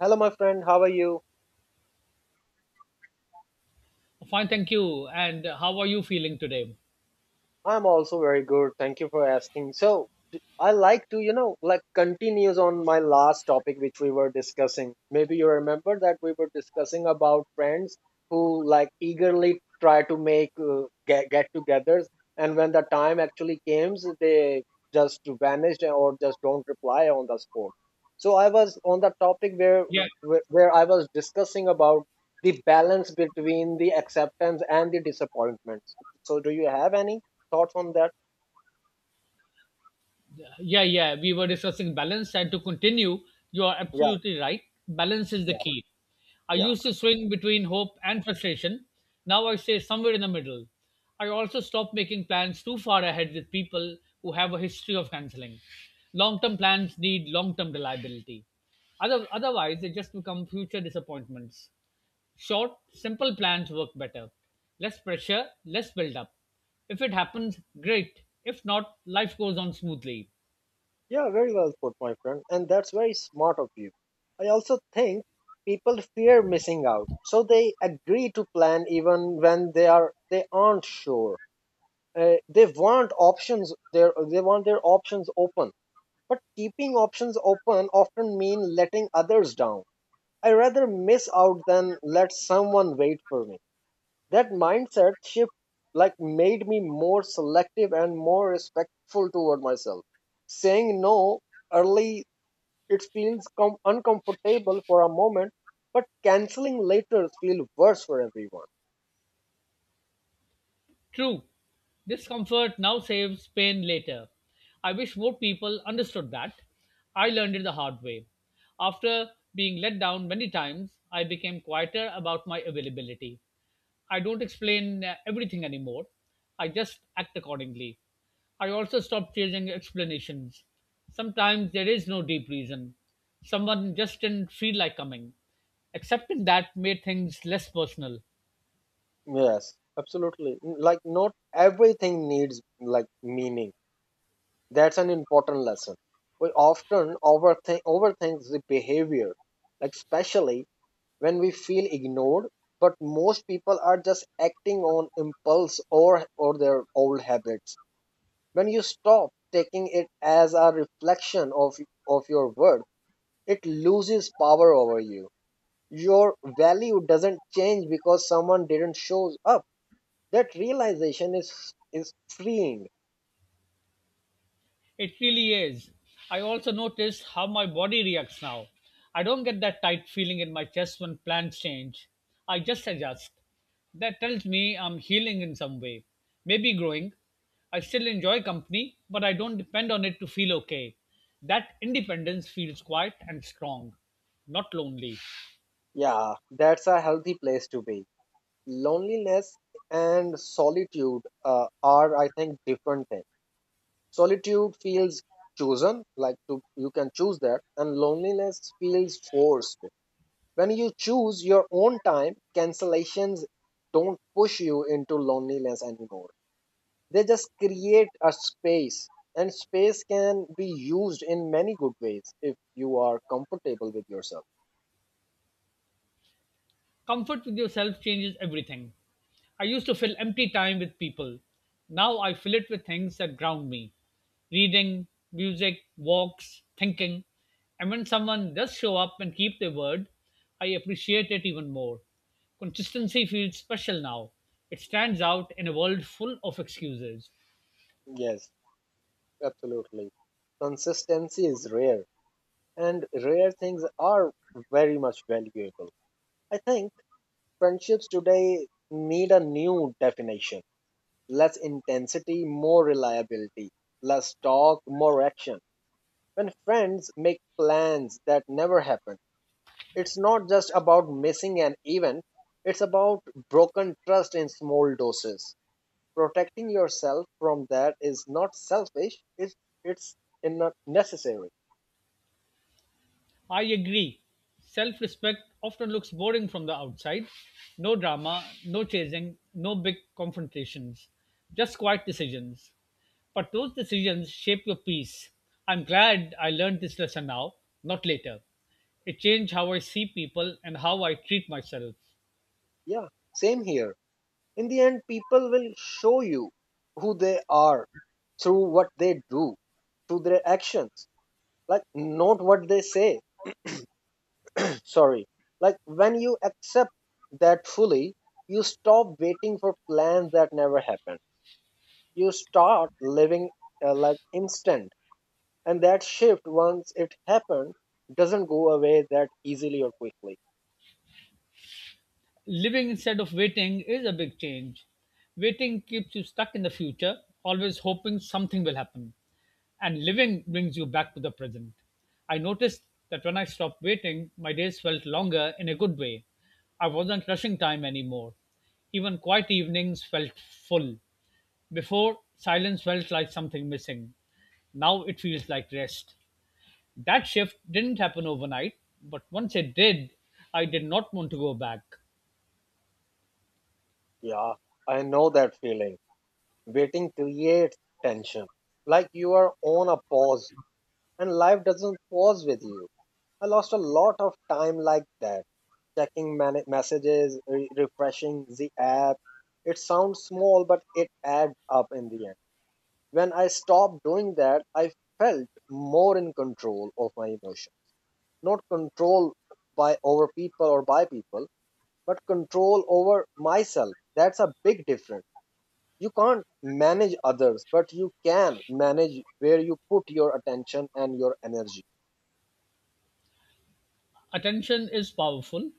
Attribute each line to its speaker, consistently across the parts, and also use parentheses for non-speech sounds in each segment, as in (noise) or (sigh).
Speaker 1: Hello, my friend. How are you?
Speaker 2: Fine, thank you. And how are you feeling today?
Speaker 1: I'm also very good. Thank you for asking. So, I like to, like continues on my last topic which we were discussing. Maybe you remember that we were discussing about friends who like eagerly try to make get-togethers, and when the time actually came, they just vanished or just don't reply on the spot. So I was on the topic where
Speaker 2: Yeah,
Speaker 1: where I was discussing about the balance between the acceptance and the disappointments. So, do you have any thoughts on that?
Speaker 2: Yeah, yeah. We were discussing balance, and to continue, you are
Speaker 1: Yeah,
Speaker 2: absolutely right. Balance is the
Speaker 1: yeah,
Speaker 2: key. I
Speaker 1: yeah.
Speaker 2: used to swing between hope and frustration. Now I stay somewhere in the middle. I also stop making plans too far ahead with people who have a history of canceling. Long term plans need long term reliability. Otherwise, they just become future disappointments. Short, simple plans work better. Less pressure, less build up. If it happens, great. If not, life goes on smoothly.
Speaker 1: Yeah, very well put, my friend. And that's very smart of you. I also think people fear missing out, so they agree to plan even when they aren't sure. They want options their they want their options open. But keeping options open often mean letting others down. I rather miss out than let someone wait for me. That mindset shift like made me more selective and more respectful toward myself. Saying no early it feels uncomfortable for a moment, but canceling later feels worse for everyone.
Speaker 2: True, discomfort now saves pain later. I wish more people understood that. I learned it the hard way. After being let down many times, I became quieter about my availability. I don't explain everything anymore. I just act accordingly. I also stopped chasing explanations. Sometimes there is no deep reason. Someone just didn't feel like coming. Accepting that made things less personal.
Speaker 1: Yes, absolutely. Like not everything needs like meaning. That's an important lesson. We often overthink the behavior, like especially when we feel ignored, but most people are just acting on impulse or their old habits. When you stop taking it as a reflection of your worth, it loses power over you. Your value doesn't change because someone didn't show up. That realization is freeing.
Speaker 2: It really is. I also notice how my body reacts now. I don't get that tight feeling in my chest when plans change. I just adjust. That tells me I'm healing in some way, maybe growing. I still enjoy company, but I don't depend on it to feel okay. That independence feels quiet and strong, not lonely.
Speaker 1: Yeah, that's a healthy place to be. Loneliness and solitude are, I think, different things. Solitude feels chosen, like to, you can choose that, and loneliness feels forced. When you choose your own time, cancellations don't push you into loneliness anymore. They just create a space, and space can be used in many good ways if you are comfortable with yourself.
Speaker 2: Comfort with yourself changes everything. I used to fill empty time with people. Now I fill it with things that ground me reading, music, walks, thinking. And when someone does show up and keep their word, I appreciate it even more. Consistency feels special now. It stands out in a world full of excuses.
Speaker 1: Yes, absolutely. Consistency is rare, and rare things are very much valuable, I think. Friendships today need a new definition. Less intensity, more reliability. Less talk, more action. When friends make plans that never happen, it's not just about missing an event, it's about broken trust in small doses. Protecting yourself from that is not selfish, it's necessary.
Speaker 2: I agree. Self respect often looks boring from the outside. No drama, no chasing, no big confrontations, just quiet decisions. But those decisions shape your peace. I'm glad I learned this lesson now, not later. It changed how I see people and how I treat myself.
Speaker 1: Yeah, same here. In the end, people will show you who they are through what they do, through their actions, like not what they say. (clears throat) Sorry, like when you accept that fully, you stop waiting for plans that never happen. You start living, like instant. And that shift, once it happened, doesn't go away that easily or quickly.
Speaker 2: Living instead of waiting is a big change. Waiting keeps you stuck in the future, always hoping something will happen. And living brings you back to the present. I noticed that when I stopped waiting, my days felt longer in a good way. I wasn't rushing time anymore. Even quiet evenings felt full. Before, silence felt like something missing. Now it feels like rest. That shift didn't happen overnight, but once it did, I did not want to go back.
Speaker 1: Yeah, I know that feeling. Waiting creates tension, like you are on a pause, and life doesn't pause with you. I lost a lot of time like that, checking messages, refreshing the app. It sounds small, but it adds up in the end. When I stopped doing that, I felt more in control of my emotion. Not control by over people or by people, but control over myself. That's a big difference. You can't manage others, but you can manage where you put your attention and your energy.
Speaker 2: Attention is powerful.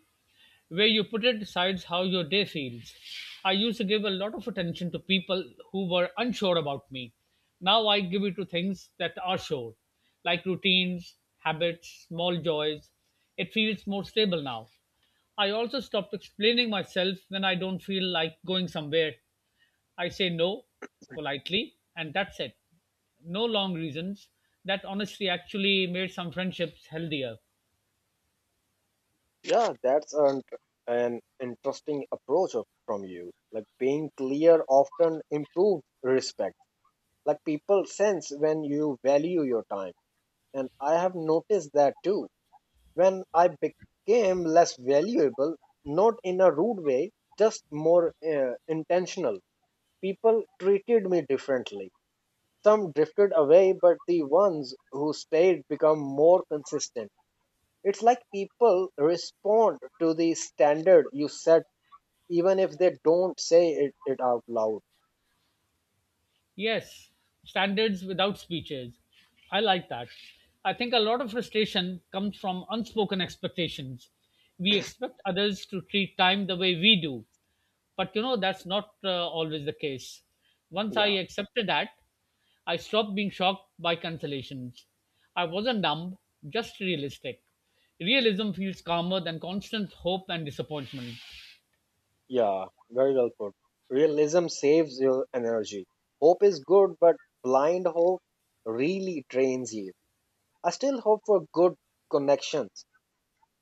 Speaker 2: Where you put it decides how your day feels. I used to give a lot of attention to people who were unsure about me. Now I give it to things that are sure, like routines, habits, small joys. It feels more stable now. I also stopped explaining myself when I don't feel like going somewhere. I say no politely, and that's it. No long reasons. That honestly actually made some friendships healthier.
Speaker 1: Yeah, that's an interesting approach from you. Like being clear often improves respect. Like people sense when you value your time. And I have noticed that too. When I became less valuable, not in a rude way, just more intentional, people treated me differently. Some drifted away, but the ones who stayed become more consistent. It's like people respond to the standard you set even if they don't say it out loud.
Speaker 2: Yes, standards without speeches. I like that. I think a lot of frustration comes from unspoken expectations. We expect others to treat time the way we do, but you know, that's not always the case. Once I
Speaker 1: Yeah,
Speaker 2: accepted that, I stopped being shocked by cancellations. I wasn't numb, just realistic. Realism feels calmer than constant hope and disappointment.
Speaker 1: yeah, very well put. Realism saves your energy. Hope is good, but blind hope really drains you. I still hope for good connections,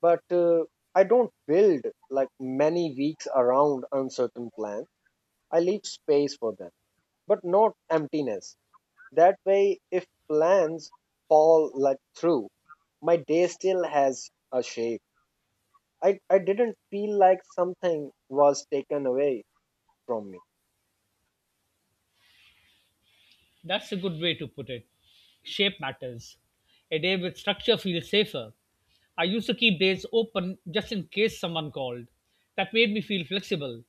Speaker 1: but I don't build like many weeks around uncertain plans. I leave space for them, but not emptiness. That way, if plans fall like through, my day still has a shape. I didn't feel like something was taken away from me.
Speaker 2: That's a good way to put it. Shape matters. A day with structure feels safer. I used to keep days open just in case someone called. That made me feel flexible,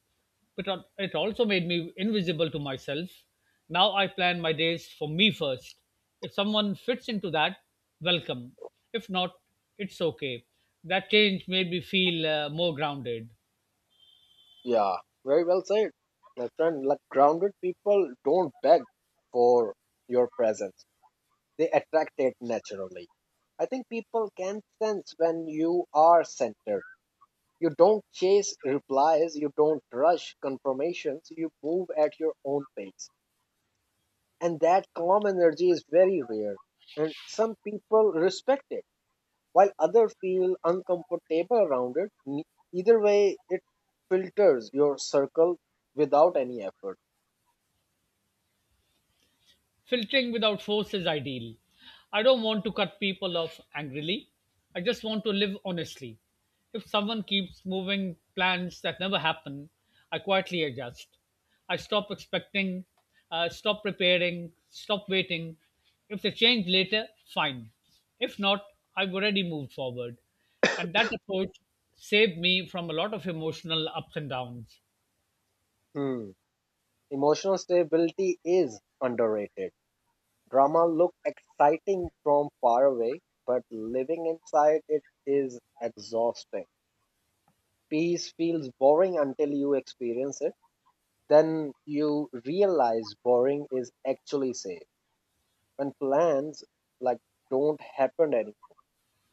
Speaker 2: but it also made me invisible to myself. Now I plan my days for me first. If someone fits into that, welcome. If not, it's okay. That change made me feel more grounded.
Speaker 1: Yeah, very well said. My friend, like grounded people don't beg for your presence. They attract it naturally. I think people can sense when you are centered. You don't chase replies, you don't rush confirmations, you move at your own pace. And that calm energy is very rare. And some people respect it, while others feel uncomfortable around it. Either way, it filters your circle without any effort.
Speaker 2: Filtering without force is ideal. I don't want to cut people off angrily. I just want to live honestly. If someone keeps moving plans that never happen, I quietly adjust. I stop expecting, stop preparing, stop waiting. If they change later, fine. If not, I've already moved forward. And that approach saved me from a lot of emotional ups and downs.
Speaker 1: Hmm. Emotional stability is underrated. Drama looks exciting from far away, but living inside it is exhausting. Peace feels boring until you experience it. Then you realize boring is actually safe. When plans like don't happen any,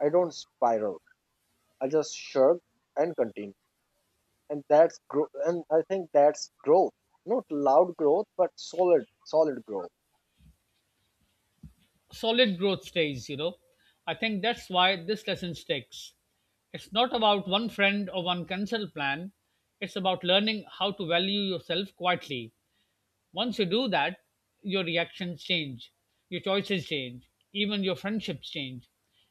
Speaker 1: I don't spiral. I just shrugged and continued. And that's grow and I think that's growth. Not loud growth, but solid, solid growth.
Speaker 2: Solid growth stays, you know. I think that's why this lesson sticks. It's not about one friend or one cancel plan. It's about learning how to value yourself quietly. Once you do that, your reactions change, your choices change, even your friendships change.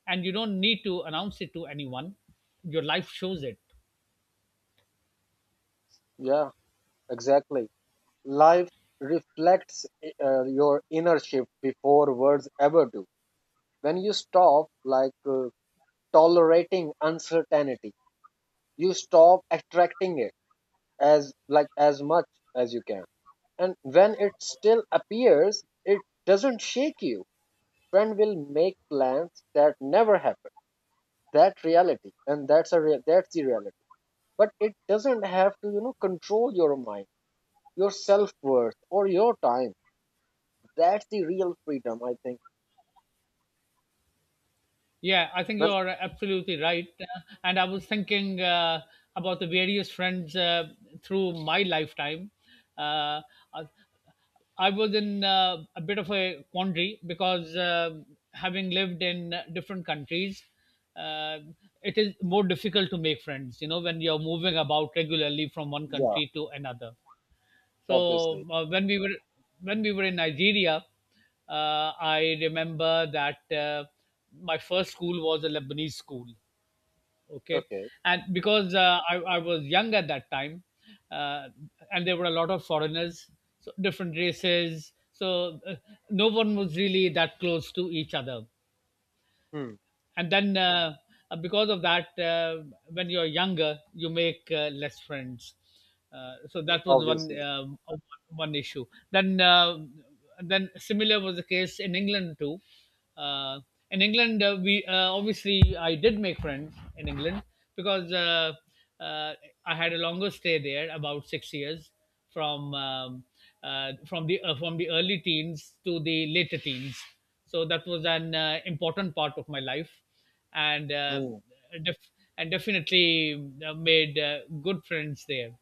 Speaker 2: And you don't need to announce it to anyone. Your life shows it.
Speaker 1: Yeah, exactly. Life reflects your inner shift before words ever do. When you stop like tolerating uncertainty, you stop attracting it as like as much as you can. And when it still appears, it doesn't shake you. Friend will make plans that never happen, that reality, and that's the reality, but it doesn't have to control your mind, your self-worth, or your time. That's the real freedom, I think.
Speaker 2: Yeah, I think you
Speaker 1: But-
Speaker 2: are absolutely right. And I was thinking about the various friends through my lifetime. Uh, I, I was in a bit of a quandary because having lived in different countries, uh, it is more difficult to make friends, you know, when you're moving about regularly from one
Speaker 1: yeah.
Speaker 2: country to another.
Speaker 1: Obviously.
Speaker 2: So when we were in Nigeria, I remember that my first school was a Lebanese school. Okay,
Speaker 1: Okay.
Speaker 2: and because I was young at that time, uh, and there were a lot of foreigners, so different races, so no one was really that close to each other,
Speaker 1: Hmm.
Speaker 2: and then because of that when you're younger you make less friends, so
Speaker 1: Yeah,
Speaker 2: that was
Speaker 1: obviously.
Speaker 2: one issue, then uh, then similar was the case in England too. uh, in England we obviously I did make friends in England because uh, I had a longer stay there, about 6 years from from the early teens to the later teens. So that was an important part of my life, and
Speaker 1: Hmm.
Speaker 2: def- and definitely made good friends there.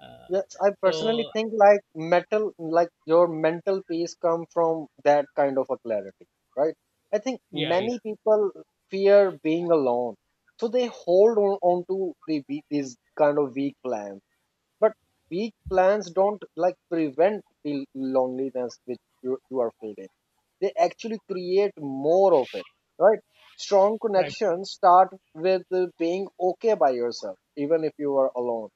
Speaker 2: Uh,
Speaker 1: Yes, I personally
Speaker 2: so
Speaker 1: think, like metal like your mental peace come from that kind of a clarity, right? I think
Speaker 2: yeah,
Speaker 1: many
Speaker 2: yeah,
Speaker 1: people fear being alone, so they hold on to these kind of weak plans. But weak plans don't like prevent the loneliness which you are feeling. They actually create more of it, right? Strong
Speaker 2: right,
Speaker 1: connections start with being okay by yourself, even if you are alone.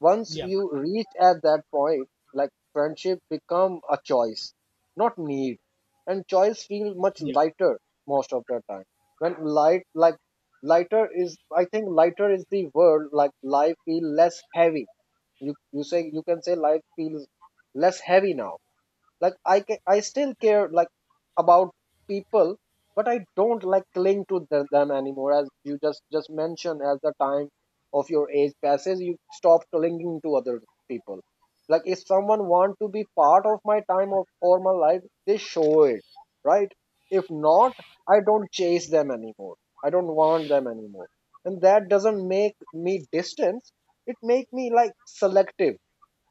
Speaker 1: Once
Speaker 2: yeah,
Speaker 1: you reach at that point, like friendship become a choice, not need. And choice feel much
Speaker 2: yeah.
Speaker 1: lighter most of the time. When light like lighter is I think lighter is the word, like life feel less heavy. You say you can say life feels less heavy now, like I still care like about people, but I don't like cling to them anymore. As you just mentioned, as the time of your age passes, you stop clinging to other people. Like if someone want to be part of my time of or my life, they show it, right? If not, I don't chase them anymore. I don't want them anymore. And that doesn't make me distance, it make me like selective.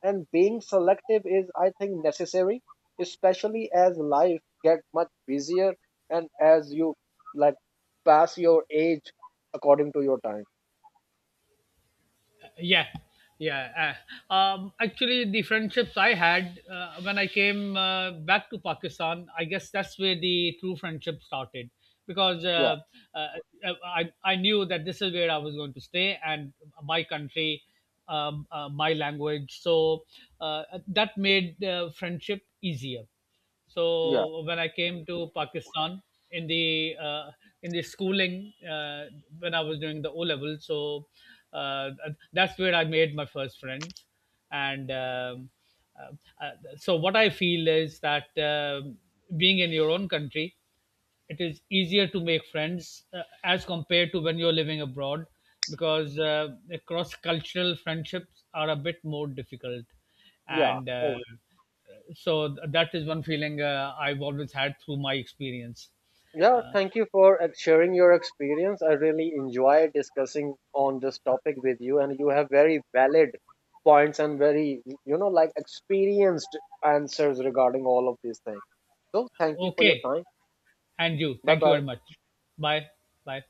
Speaker 1: And being selective is, I think, necessary, especially as life get much busier and as you like pass your age according to your time.
Speaker 2: yeah yeah Actually the friendships I had when I came back to Pakistan, I guess that's where the true friendship started, because
Speaker 1: Yeah,
Speaker 2: uh, I knew that this is where I was going to stay, and my country, my language, so that made friendship easier.
Speaker 1: yeah,
Speaker 2: So when I came to Pakistan, in the uh, in the schooling, when I was doing the O level, so uh, that's where I made my first friends. And uh, so what I feel is that being in your own country, it is easier to make friends as compared to when you're living abroad, because cross cultural friendships are a bit more difficult,
Speaker 1: yeah.
Speaker 2: and
Speaker 1: Oh,
Speaker 2: that is one feeling I've always had through my experience.
Speaker 1: yeah,
Speaker 2: Uh,
Speaker 1: thank you for sharing your experience. I really enjoy discussing on this topic with you, and you have very valid points and very, like experienced answers regarding all of these things. So, thank you for your
Speaker 2: okay,
Speaker 1: time.
Speaker 2: and you.
Speaker 1: Bye
Speaker 2: Thank you
Speaker 1: bye.
Speaker 2: very much. Bye. Bye.